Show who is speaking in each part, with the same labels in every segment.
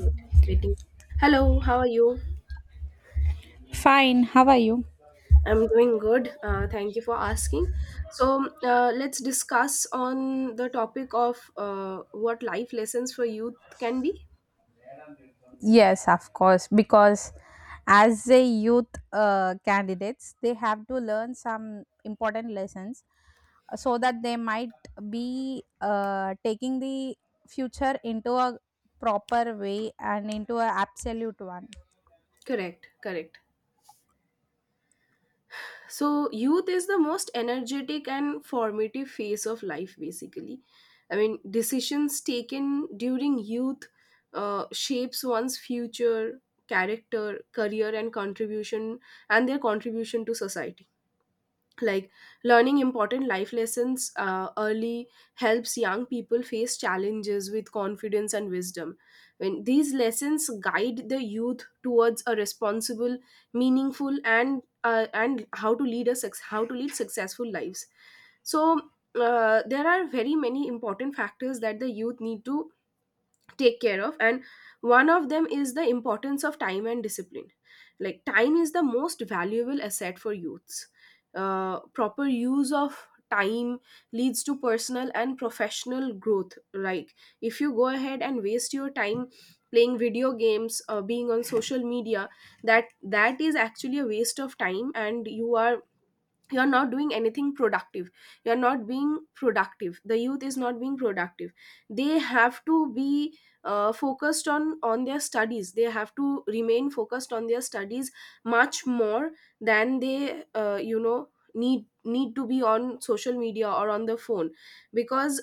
Speaker 1: Wait, waiting. Hello, how are you?
Speaker 2: Fine, how are you?
Speaker 1: I'm doing good. Thank you for asking. So let's discuss on the topic of what life lessons for youth can be.
Speaker 2: Yes, of course, because as a youth candidates, they have to learn some important lessons so that they might be taking the future into a proper way and into a absolute one.
Speaker 1: Correct, correct. So youth is the most energetic and formative phase of life, basically. I mean, decisions taken during youth shapes one's future, character, career, and contribution, and their contribution to society, like learning important life lessons early helps young people face challenges with confidence and wisdom, when these lessons guide the youth towards a responsible, meaningful and how to lead a how to lead successful lives. So there are very many important factors that the youth need to take care of, and one of them is the importance of time and discipline. Like, time is the most valuable asset for youths. Proper use of time leads to personal and professional growth. Like, if you go ahead and waste your time playing video games, being on social media, that is actually a waste of time, and you are, you're not doing anything productive, you're not being productive, the youth is not being productive. They have to be focused on their studies. They have to remain focused on their studies much more than they need to be on social media or on the phone, because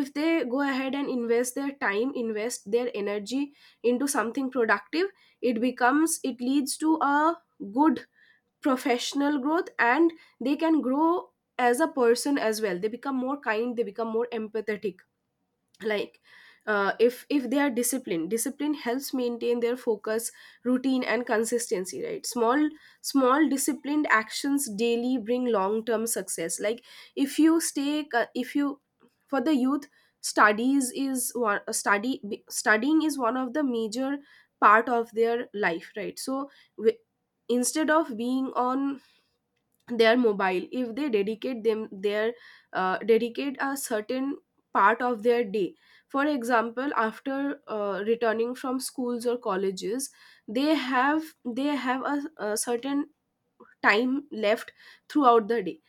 Speaker 1: if they go ahead and invest their time, invest their energy into something productive, it becomes, it leads to a good professional growth, and they can grow as a person as well. They become more kind, they become more empathetic. Like, if they are disciplined, discipline helps maintain their focus, routine and consistency, right? Small, small disciplined actions daily bring long term success. Like, if you stay if you, for the youth, studies is one studying is one of the major part of their life, right? So wi- instead of being on their mobile, if they dedicate them their dedicate a certain part of their day, for example after returning from schools or colleges, they have a certain time left throughout the day,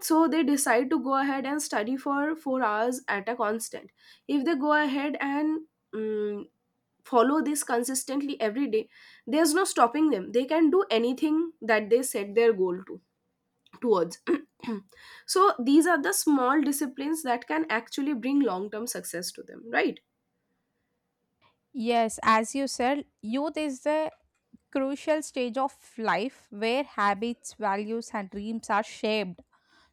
Speaker 1: so they decide to go ahead and study for 4 hours at a constant. If they go ahead and mm follow this consistently every day, there's no stopping them. They can do anything that they set their goal to towards. So these are the small disciplines that can actually bring long term success to them, right?
Speaker 2: Yes, as you said, youth is the crucial stage of life where habits, values, and dreams are shaped.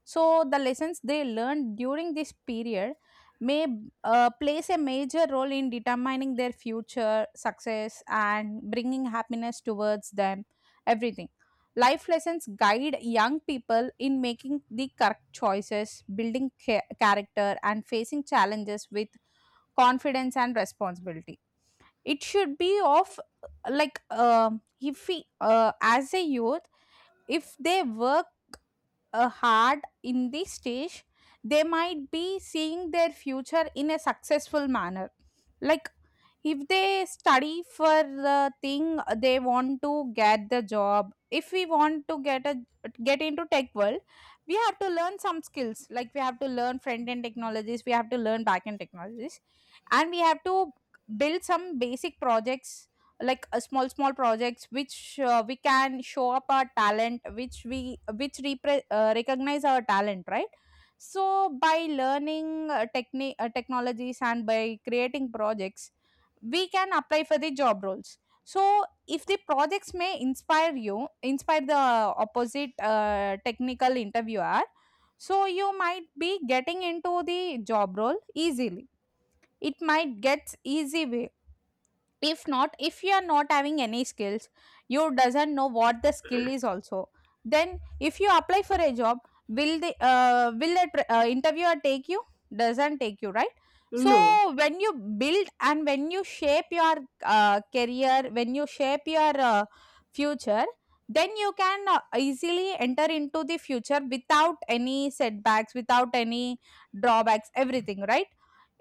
Speaker 2: So, the lessons they learned during this period may plays a major role in determining their future success and bringing happiness towards them. Everything. Life lessons guide young people in making the correct choices, building character, and facing challenges with confidence and responsibility. It should be of, like, if we, as a youth, if they work hard in the stage, they might be seeing their future in a successful manner. Like, if they study for the thing they want to get the job. If we want to get into tech world, we have to learn some skills. Like, we have to learn front end technologies, we have to learn back end technologies, and we have to build some basic projects, like a small projects which we can show up our talent, which we recognize our talent, right? So by learning technologies and by creating projects, we can apply for the job roles. So if the projects may inspire you inspire the opposite technical interviewer, so you might be getting into the job role easily, it might get easy way. If not, if you are not having any skills, you doesn't know what the skill is also, then if you apply for a job, will the interviewer take you? Doesn't take you, right? So
Speaker 1: No,
Speaker 2: when you build and when you shape your career, when you shape your future, then you can easily enter into the future without any setbacks, without any drawbacks, everything, right?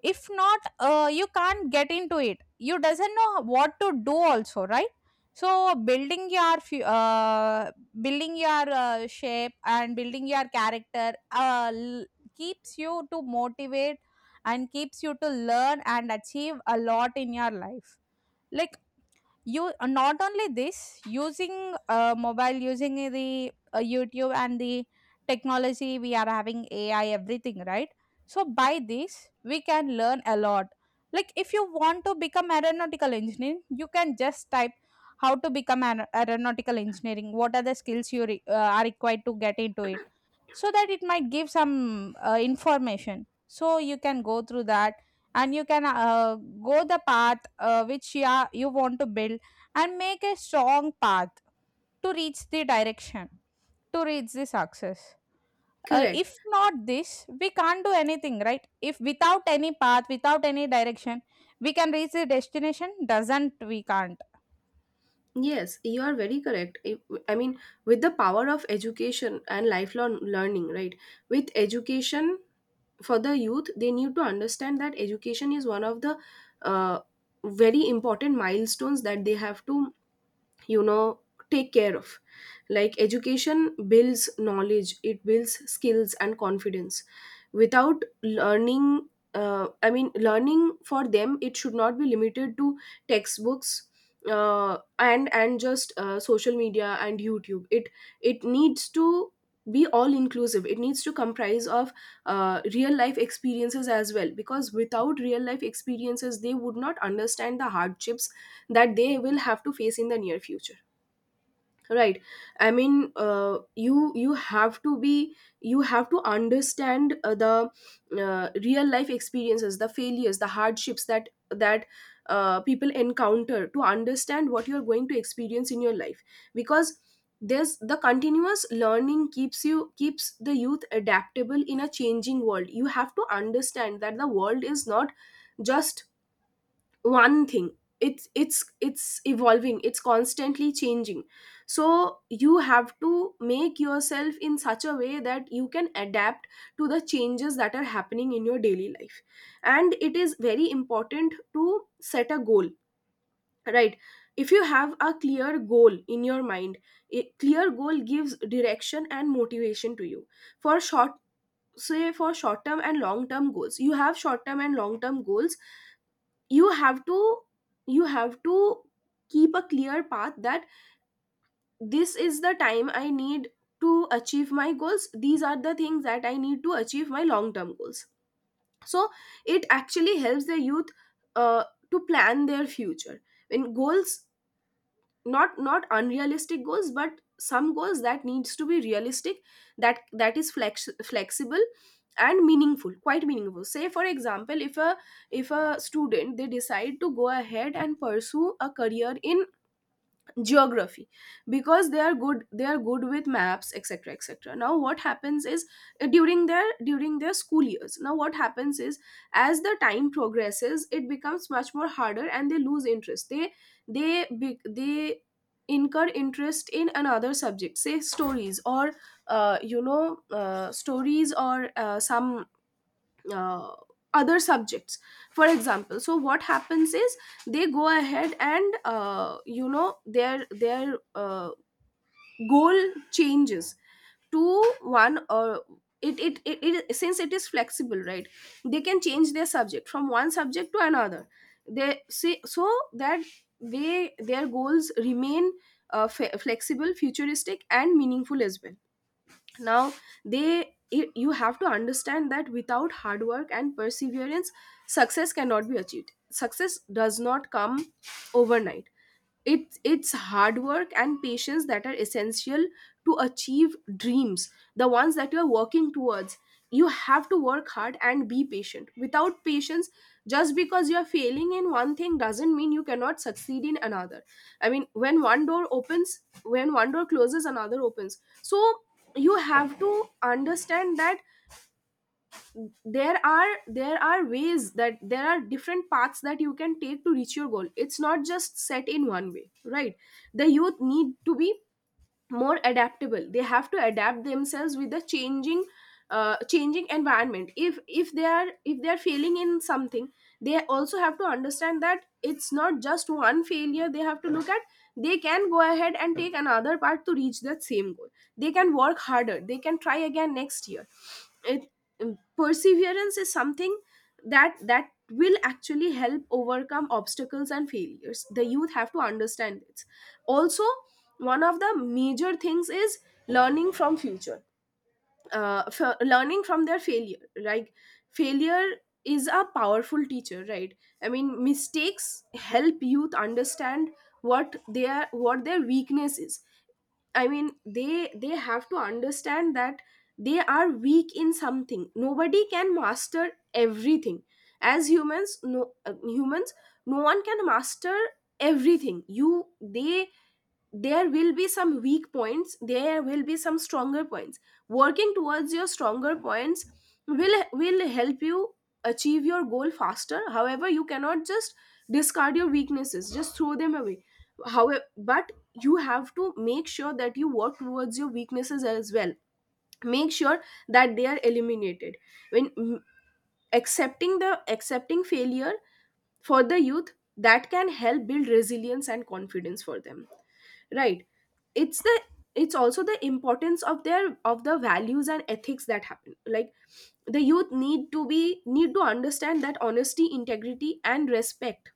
Speaker 2: If not, you can't get into it, you doesn't know what to do also, right? So building your shape and building your character, keeps you to motivate and keeps you to learn and achieve a lot in your life. Like, you not only this, using mobile, using the YouTube and the technology, we are having AI, everything, right? So by this we can learn a lot, like if you want to become aeronautical engineer, you can just type, how to become an aeronautical engineering, what are the skills you are required to get into it, so that it might give some information, so you can go through that, and you can go the path which you want to build, and make a strong path to reach the direction, to reach the success.
Speaker 1: correct.
Speaker 2: If not this, we can't do anything, right? If without any path, without any direction, we can reach the destination, doesn't, we can't.
Speaker 1: Yes, you are very correct. I mean, with the power of education and lifelong learning, right? With education, for the youth, they need to understand that education is one of the uh, very important milestones that they have to, you know, take care of. Like, education builds knowledge, it builds skills and confidence. Without learning, I mean, learning for them, it should not be limited to textbooks, and just social media and youtube. It needs to be all inclusive, it needs to comprise of real life experiences as well, because without real life experiences they would not understand the hardships that they will have to face in the near future, right? I mean, you have to be, you have to understand the real life experiences, the failures, the hardships that people encounter, to understand what you're going to experience in your life. Because there's the continuous learning keeps you, keeps the youth adaptable in a changing world. You have to understand that the world is not just one thing. It's evolving, it's constantly changing. So you have to make yourself in such a way that you can adapt to the changes that are happening in your daily life. And it is very important to set a goal, right? If you have a clear goal in your mind, a clear goal gives direction and motivation to you. For short, say for short term and long term goals, you have short term and long term goals. You have to you have to keep a clear path that this is the time I need to achieve my goals, these are the things that I need to achieve my long term goals. So it actually helps the youth uh, to plan their future. When goals, not unrealistic goals, but some goals that needs to be realistic, that is flexible and meaningful, quite meaningful. Say for example, if a, if a student, they decide to go ahead and pursue a career in geography, because they are good, they are good with maps, etc, etc. Now what happens is, during their school years, now what happens is, as the time progresses, it becomes much more harder and they lose interest. They they incur interest in another subject, say stories, or stories, or some uh, other subjects, for example. So what happens is, they go ahead and, their goal changes to one, or it, it, it, it, since it is flexible, right? They can change their subject from one subject to another, they see, so that they, their goals remain flexible, futuristic and meaningful as well. Now, you have to understand that without hard work and perseverance, success cannot be achieved. Success does not come overnight. It's hard work and patience that are essential to achieve dreams, the ones that you're working towards. You have to work hard and be patient. Without patience, just because you're failing in one thing doesn't mean you cannot succeed in another. I mean, when one door opens, when one door closes, another opens. So you have to understand that there are ways, that there are different paths that you can take to reach your goal. It's not just set in one way, right? The youth need to be more adaptable. They have to adapt themselves with the changing, changing environment. If they are, if they are failing in something, they also have to understand that it's not just one failure they have to look at. They can go ahead and take another part to reach that same goal. They can work harder, they can try again next year. it, Perseverance is something that will actually help overcome obstacles and failures. The youth have to understand this also. One of the major things is learning from future, learning from their failure. Like, failure is a powerful teacher, right? I mean, mistakes help youth understand what their weakness is. I mean, they have to understand that they are weak in something. Nobody can master everything. As humans, humans, no one can master everything. You they there will be some weak points, there will be some stronger points. Working towards your stronger points will help you achieve your goal faster. However, you cannot just discard your weaknesses, just throw them away. However, but you have to make sure that you work towards your weaknesses as well. Make sure that they are eliminated. When accepting the, accepting failure for the youth, that can help build resilience and confidence for them, right? It's the, it's also the importance of their, of the values and ethics that happen. Like, the youth need to be, need to understand that honesty, integrity and respect,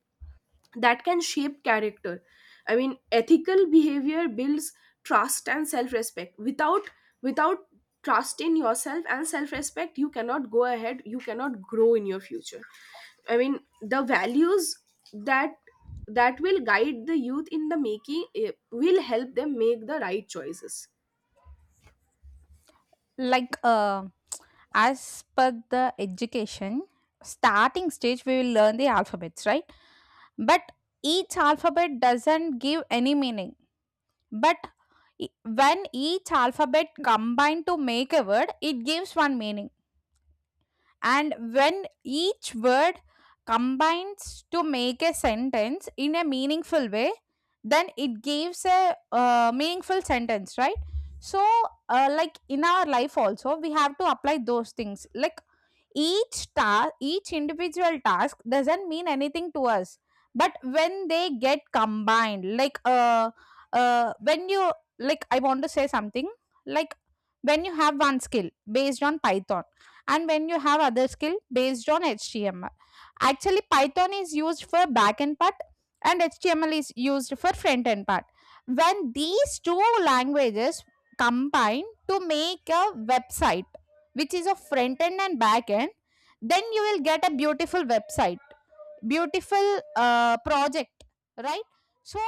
Speaker 1: that can shape character. I mean, ethical behavior builds trust and self-respect. Without trust in yourself and self-respect, you cannot go ahead. You cannot grow in your future. I mean, the values that that will guide the youth in the making, eh, will help them make the right choices.
Speaker 2: Like, as per the education starting stage, we will learn the alphabets, right? But each alphabet doesn't give any meaning, but when each alphabet combine to make a word, it gives one meaning, and when each word combines to make a sentence in a meaningful way, then it gives a meaningful sentence, right? So, like in our life also we have to apply those things, like each task, each individual task doesn't mean anything to us, but when they get combined, like, when you, like, I want to say something, like, when you have one skill based on Python, and when you have other skill based on HTML. Actually, Python is used for backend part, and HTML is used for front end part. When these two languages combine to make a website which is a front end and back end, then you will get a beautiful website, beautiful project, right? So,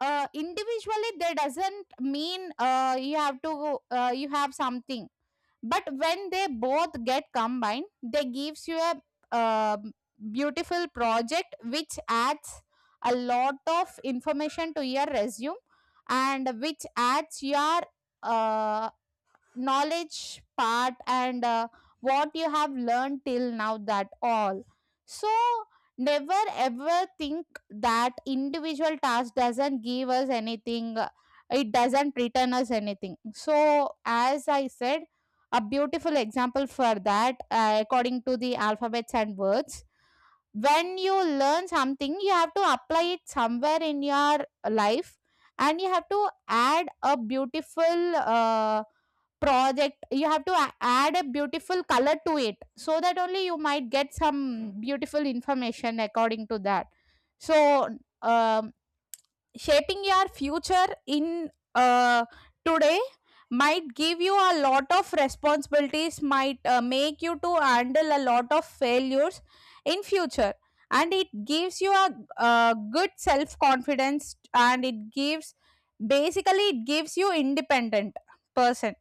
Speaker 2: individually they doesn't mean, you have to, you have something, but when they both get combined they gives you a um beautiful project, which adds a lot of information to your resume, and which adds your uh, knowledge part, and what you have learned till now, that all. So, never ever think that individual task doesn't give us anything, it doesn't return us anything, so as I said, a beautiful example for that, according to the alphabets and words, when you learn something, you have to apply it somewhere in your life, and you have to add a beautiful project, you have to add a beautiful color to it, so that only you might get some beautiful information according to that. So, um, shaping your future in today might give you a lot of responsibilities, might make you to handle a lot of failures in future, and it gives you a good self confidence, and it gives, basically it gives you independent person.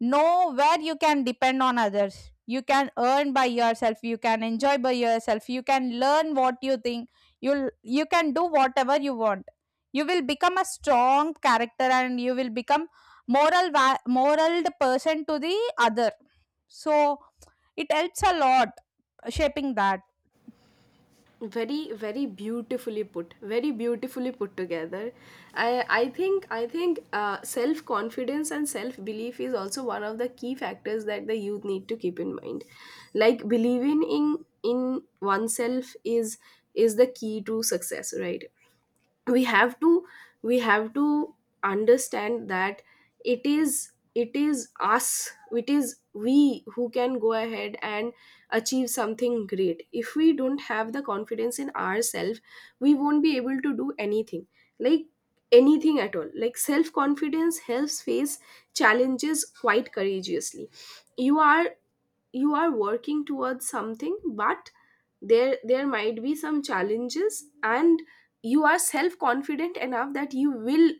Speaker 2: Know where you can depend on others. You can earn by yourself. You can enjoy by yourself. You can learn what you think. You can do whatever you want. You will become a strong character, and you will become moral person to the other. So it helps a lot, shaping that.
Speaker 1: Very, very beautifully put, very beautifully put together. I think self confidence and self belief is also one of the key factors that the youth need to keep in mind. Like, believing in oneself is the key to success, right? We have to we have to understand that it is us, it is we who can go ahead and achieve something great. If we don't have the confidence in ourselves, we won't be able to do anything. Like, anything at all. Like, self confidence helps face challenges quite courageously. You are you are working towards something, but there might be some challenges, and you are self confident enough that you will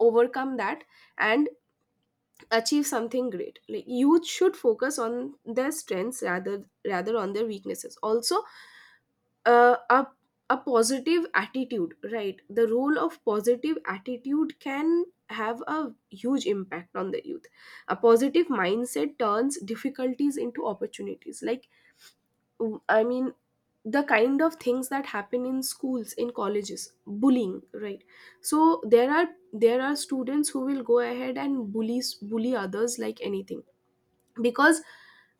Speaker 1: overcome that and achieve something great. Like, youth should focus on their strengths, rather on their weaknesses also. Uh, a a positive attitude, right? The role of positive attitude can have a huge impact on the youth. A positive mindset turns difficulties into opportunities. Like, I mean, the kind of things that happen in schools, in colleges, bullying, right? So there are students who will go ahead and bully others like anything because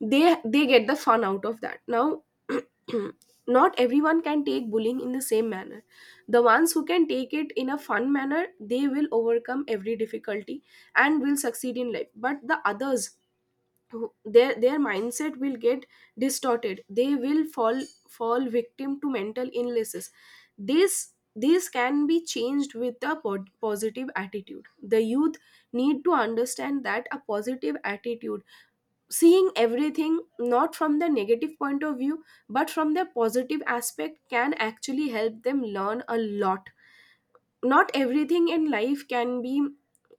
Speaker 1: they get the fun out of that. Now, not everyone can take bullying in the same manner. The ones who can take it in a fun manner, they will overcome every difficulty and will succeed in life. But the others their mindset will get distorted. They will fall victim to mental illnesses. This this can be changed with a positive attitude. The youth need to understand that a positive attitude, seeing everything not from the negative point of view but from the positive aspect, can actually help them learn a lot. Not everything in life can be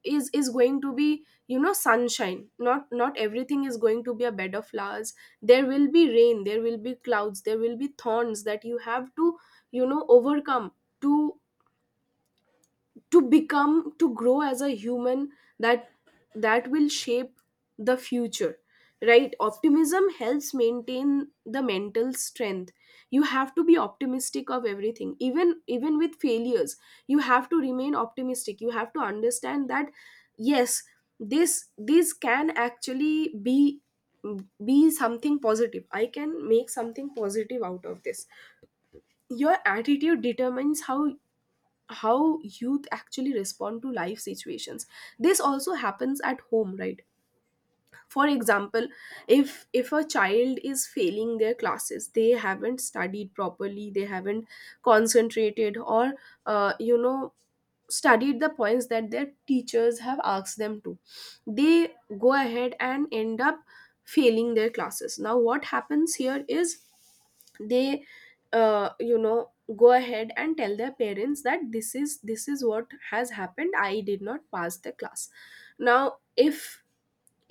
Speaker 1: is going to be, sunshine. Not everything is going to be a bed of flowers. There will be rain, there will be clouds, there will be thorns that you have to, overcome, to to become to grow as a human. That that will shape the future, right? Optimism helps maintain the mental strength. You have to be optimistic of everything, even with failures. You have to remain optimistic. You have to understand that yes, this can actually be something positive. I can make something positive out of this. Your attitude determines how youth actually respond to life situations. This also happens at home, right? For example, if a child is failing their classes, they haven't studied properly, they haven't concentrated or uh, you know studied the points that their teachers have asked them to, they go ahead and end up failing their classes. Now what happens here is they uh, you know go ahead and tell their parents that this is what has happened. I did not pass the class. Now if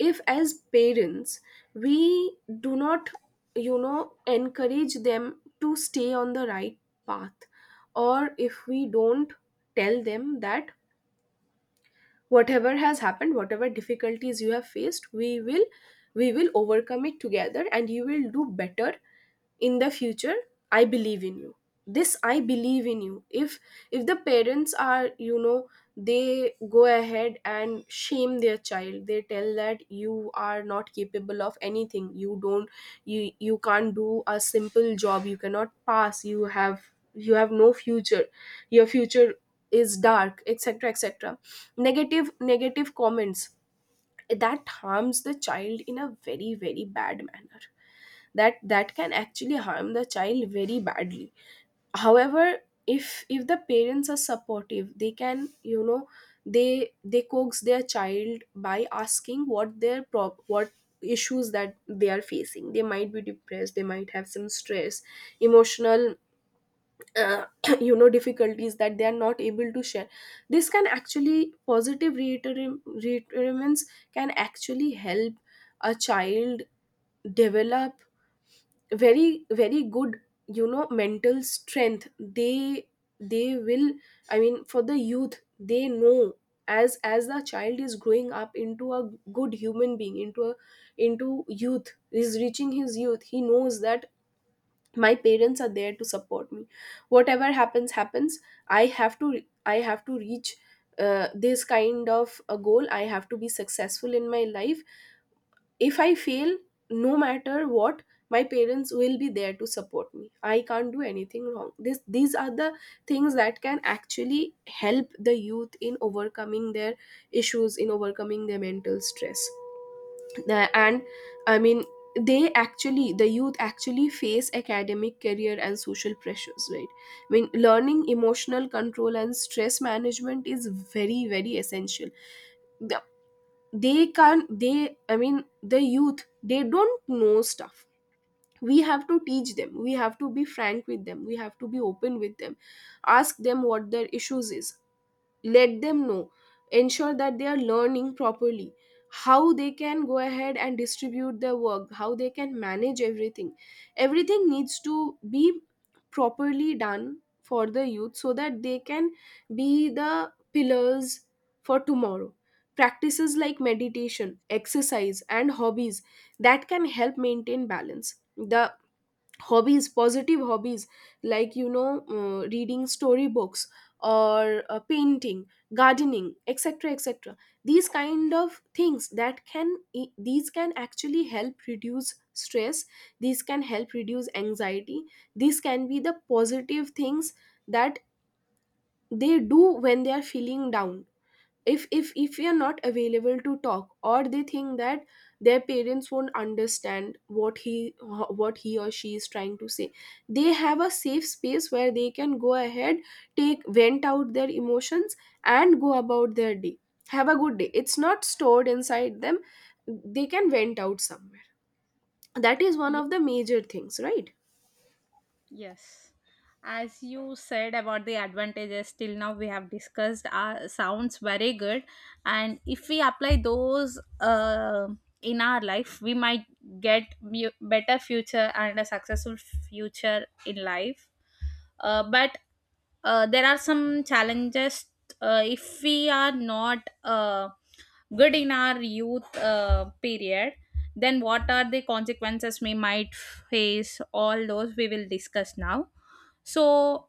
Speaker 1: if as parents we do not, encourage them to stay on the right path, or if we don't tell them that whatever has happened, whatever difficulties you have faced, we will overcome it together and you will do better in the future. I believe in you. This, I believe in you. If the parents are, they go ahead and shame their child, they tell that you are not capable of anything, you don't, you can't do a simple job, you cannot pass, you have no future, your future is dark, etc, etc. Negative comments, that harms the child in a very very bad manner. That can actually harm the child very badly. However, if the parents are supportive, they can, they coax their child by asking what their what issues that they are facing. They might be depressed, they might have some stress, emotional uh, difficulties that they are not able to share. This can actually, positive reiterations can actually help a child develop very very good, mental strength. They will, for the youth, they know, as the child is growing up into a good human being, into a, into youth, is reaching his youth, he knows that my parents are there to support me. Whatever happens happens. I have to reach this kind of a goal. I have to be successful in my life. If I fail, no matter what, my parents will be there to support me. I can't do anything wrong. This These are the things that can actually help the youth in overcoming their issues, in overcoming their mental stress. And I mean they actually, the youth actually face academic, career, and social pressures, right? I mean, learning emotional control and stress management is very very essential. The- they can't, they I mean the youth, they don't know stuff. We have to teach them, we have to be frank with them, we have to be open with them. Ask them what their issues is, let them know, ensure that they are learning properly, how they can go ahead and distribute their work, how they can manage everything. Everything needs to be properly done for the youth, so that they can be the pillars for tomorrow. Practices like meditation, exercise, and hobbies, that can help maintain balance. The hobbies, positive hobbies, like, reading storybooks, or painting, gardening, etc, etc. These kind of things that can these can actually help reduce stress. These can help reduce anxiety. These can be the positive things that they do when they are feeling down. If we are not available to talk, or they think that their parents won't understand what he, what he or she is trying to say, they have a safe space where they can go ahead, take, vent out their emotions, and go about their day. Have a good day. It's not stored inside them. They can vent out somewhere. That is one of the major things, right?
Speaker 2: Yes. As you said about the advantages, till now we have discussed, sounds very good. And if we apply those in our life, we might get mu better future and a successful future in life, but there are some challenges, if we are not good in our youth period, then what are the consequences we might face, all those we will discuss now. So,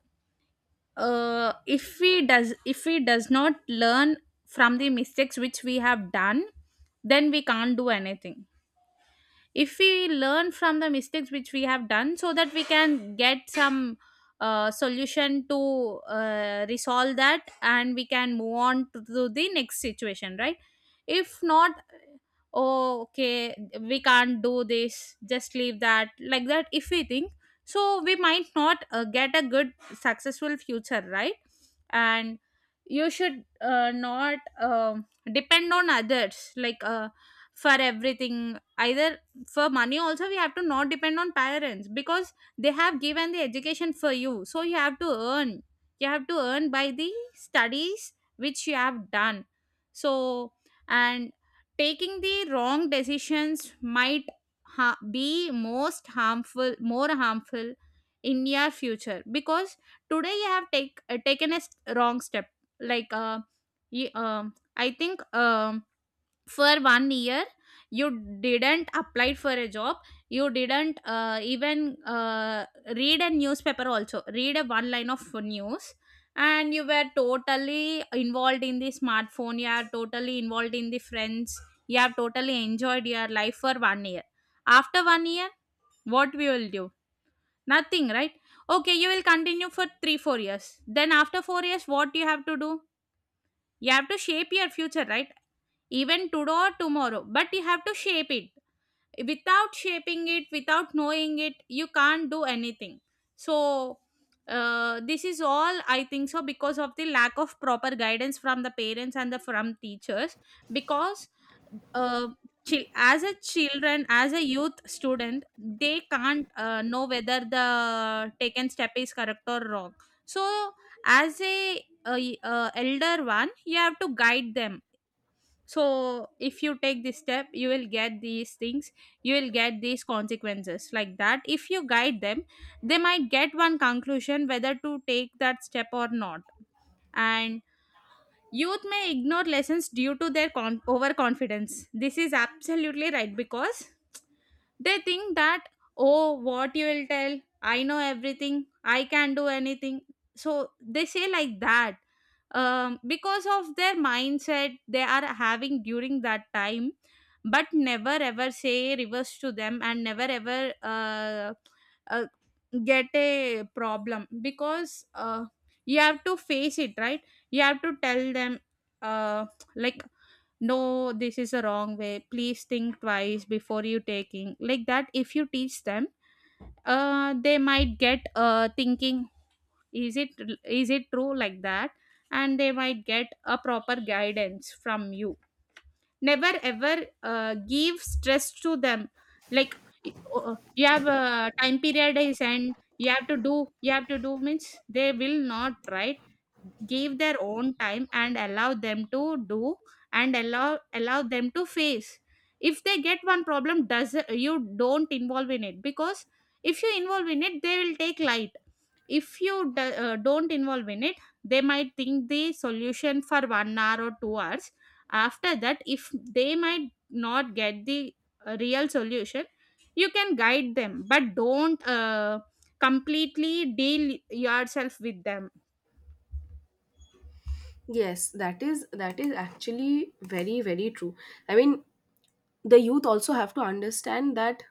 Speaker 2: if we does not learn from the mistakes which we have done, then we can't do anything. If we learn from the mistakes which we have done, so that we can get some solution to resolve that, and we can move on to the next situation, right? If not, oh okay, we can't do this, just leave that like that, if we think, so we might not get a good successful future, right? And you should not depend on others, like, for everything, either for money also, we have to not depend on parents, because they have given the education for you, so you have to earn, you have to earn by the studies which you have done. So, and taking the wrong decisions might be most harmful, more harmful in your future, because today you have taken a wrong step. Like, you, I think, for one year you didn't apply for a job, you didn't even read a newspaper, also read a one line of news, and you were totally involved in the smartphone, you are totally involved in the friends, you have totally enjoyed your life for one year. After one year, what we will do? Nothing, right? Okay, you will continue for 3 4 years, then after 4 years what you have to do? You have to shape your future, right? Even today or tomorrow, but you have to shape it. Without shaping it, without knowing it, you can't do anything. So, this is all I think, so because of the lack of proper guidance from the parents and the from teachers, because, uh, as a children, as a youth student, they can't know whether the taken step is correct or wrong. So as a elder one, you have to guide them, so if you take this step you will get these things, you will get these consequences, like that, if you guide them they might get one conclusion whether to take that step or not. And youth may ignore lessons due to their overconfidence, this is absolutely right, because they think that, oh, what you will tell, I know everything, I can do anything. So they say like that. Because of their mindset they are having during that time, but never ever say reverse to them, and never ever uh, get a problem, because you have to face it, right? You have to tell them, uh, like, no, this is a wrong way, please think twice before you taking like that, if you teach them they might get thinking, is it, is it true like that, and they might get a proper guidance from you. Never ever give stress to them, like, you have a time period is, and you have to do means they will not, right? Give their own time and allow them to do, and allow them to face, if they get one problem does, you don't involve in it, because if you involve in it they will take light. If you do, don't involve in it, they might think the solution for one hour or 2 hours, after that if they might not get the real solution, you can guide them, but don't completely deal yourself with them.
Speaker 1: Yes, that is actually very very true. I mean, the youth also have to understand that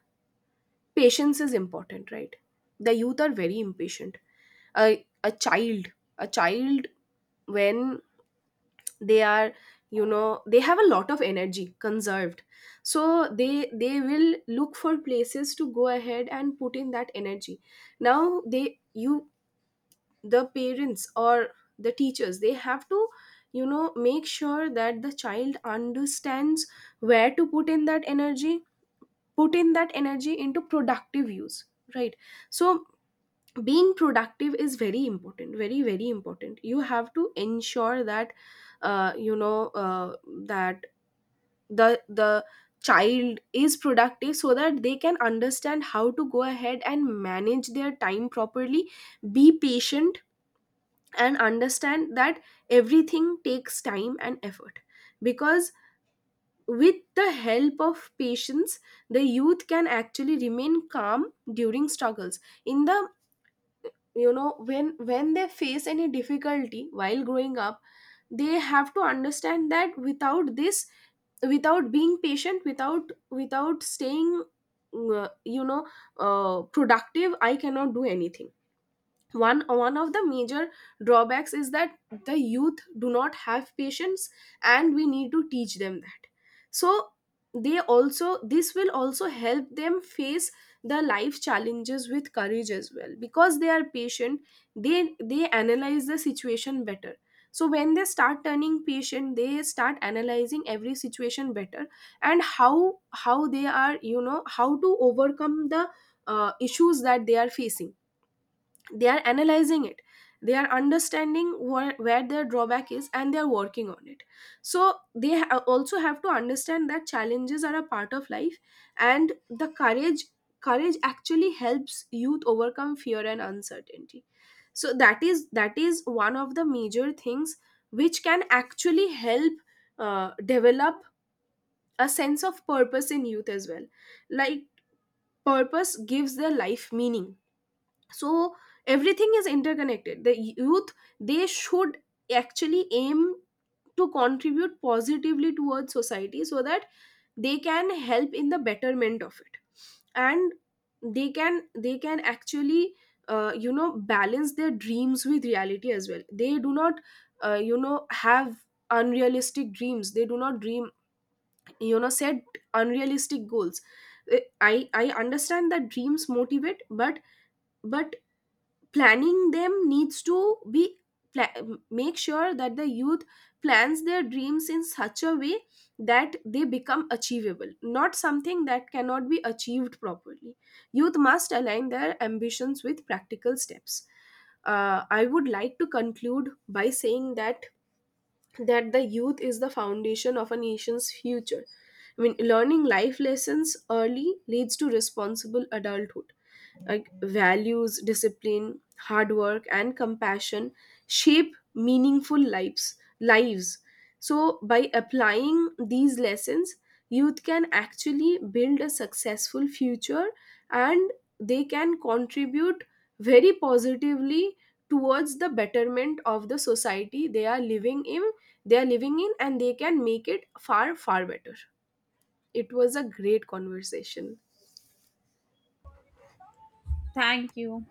Speaker 1: patience is important, right? The youth are very impatient. A child, a child, when they are, they have a lot of energy conserved. So they will look for places to go ahead and put in that energy. Now they you The parents, or the teachers, they have to, make sure that the child understands where to put in that energy, put in that energy into productive use, right? So being productive is very important, very very important. You have to ensure that, uh, you know uh, that the child is productive so that they can understand how to go ahead and manage their time properly, be patient, and understand that everything takes time and effort. Because with the help of patience, the youth can actually remain calm during struggles, in the, when they face any difficulty while growing up, they have to understand that without this, without being patient, without staying uh, you know productive, I cannot do anything. One of the major drawbacks is that the youth do not have patience, and we need to teach them that. So they also, this will also help them face the life challenges with courage as well, because they are patient. They analyze the situation better. So when they start turning patient, they start analyzing every situation better, and how they are, how to overcome the issues that they are facing. They are analyzing it, they are understanding where their drawback is and they are working on it. So they also have to understand that challenges are a part of life, and the courage, courage actually helps youth overcome fear and uncertainty. So that is, that is one of the major things which can actually help develop a sense of purpose in youth as well. Like, purpose gives their life meaning. So everything is interconnected. The youth, they should actually aim to contribute positively towards society, so that they can help in the betterment of it. And they can, they can actually, balance their dreams with reality as well. They do not, have unrealistic dreams. They do not dream, set unrealistic goals. Uh, I understand that dreams motivate, but planning them needs to be, make sure that the youth plans their dreams in such a way that they become achievable, not something that cannot be achieved properly. Youth must align their ambitions with practical steps. I would like to conclude by saying that, that the youth is the foundation of a nation's future. I mean, learning life lessons early leads to responsible adulthood. Like, values, discipline, hard work, and compassion shape meaningful lives. Lives. So by applying these lessons, youth can actually build a successful future, and they can contribute very positively towards the betterment of the society they are living in, they are living in, and they can make it far far better. It was a great conversation.
Speaker 2: Thank you.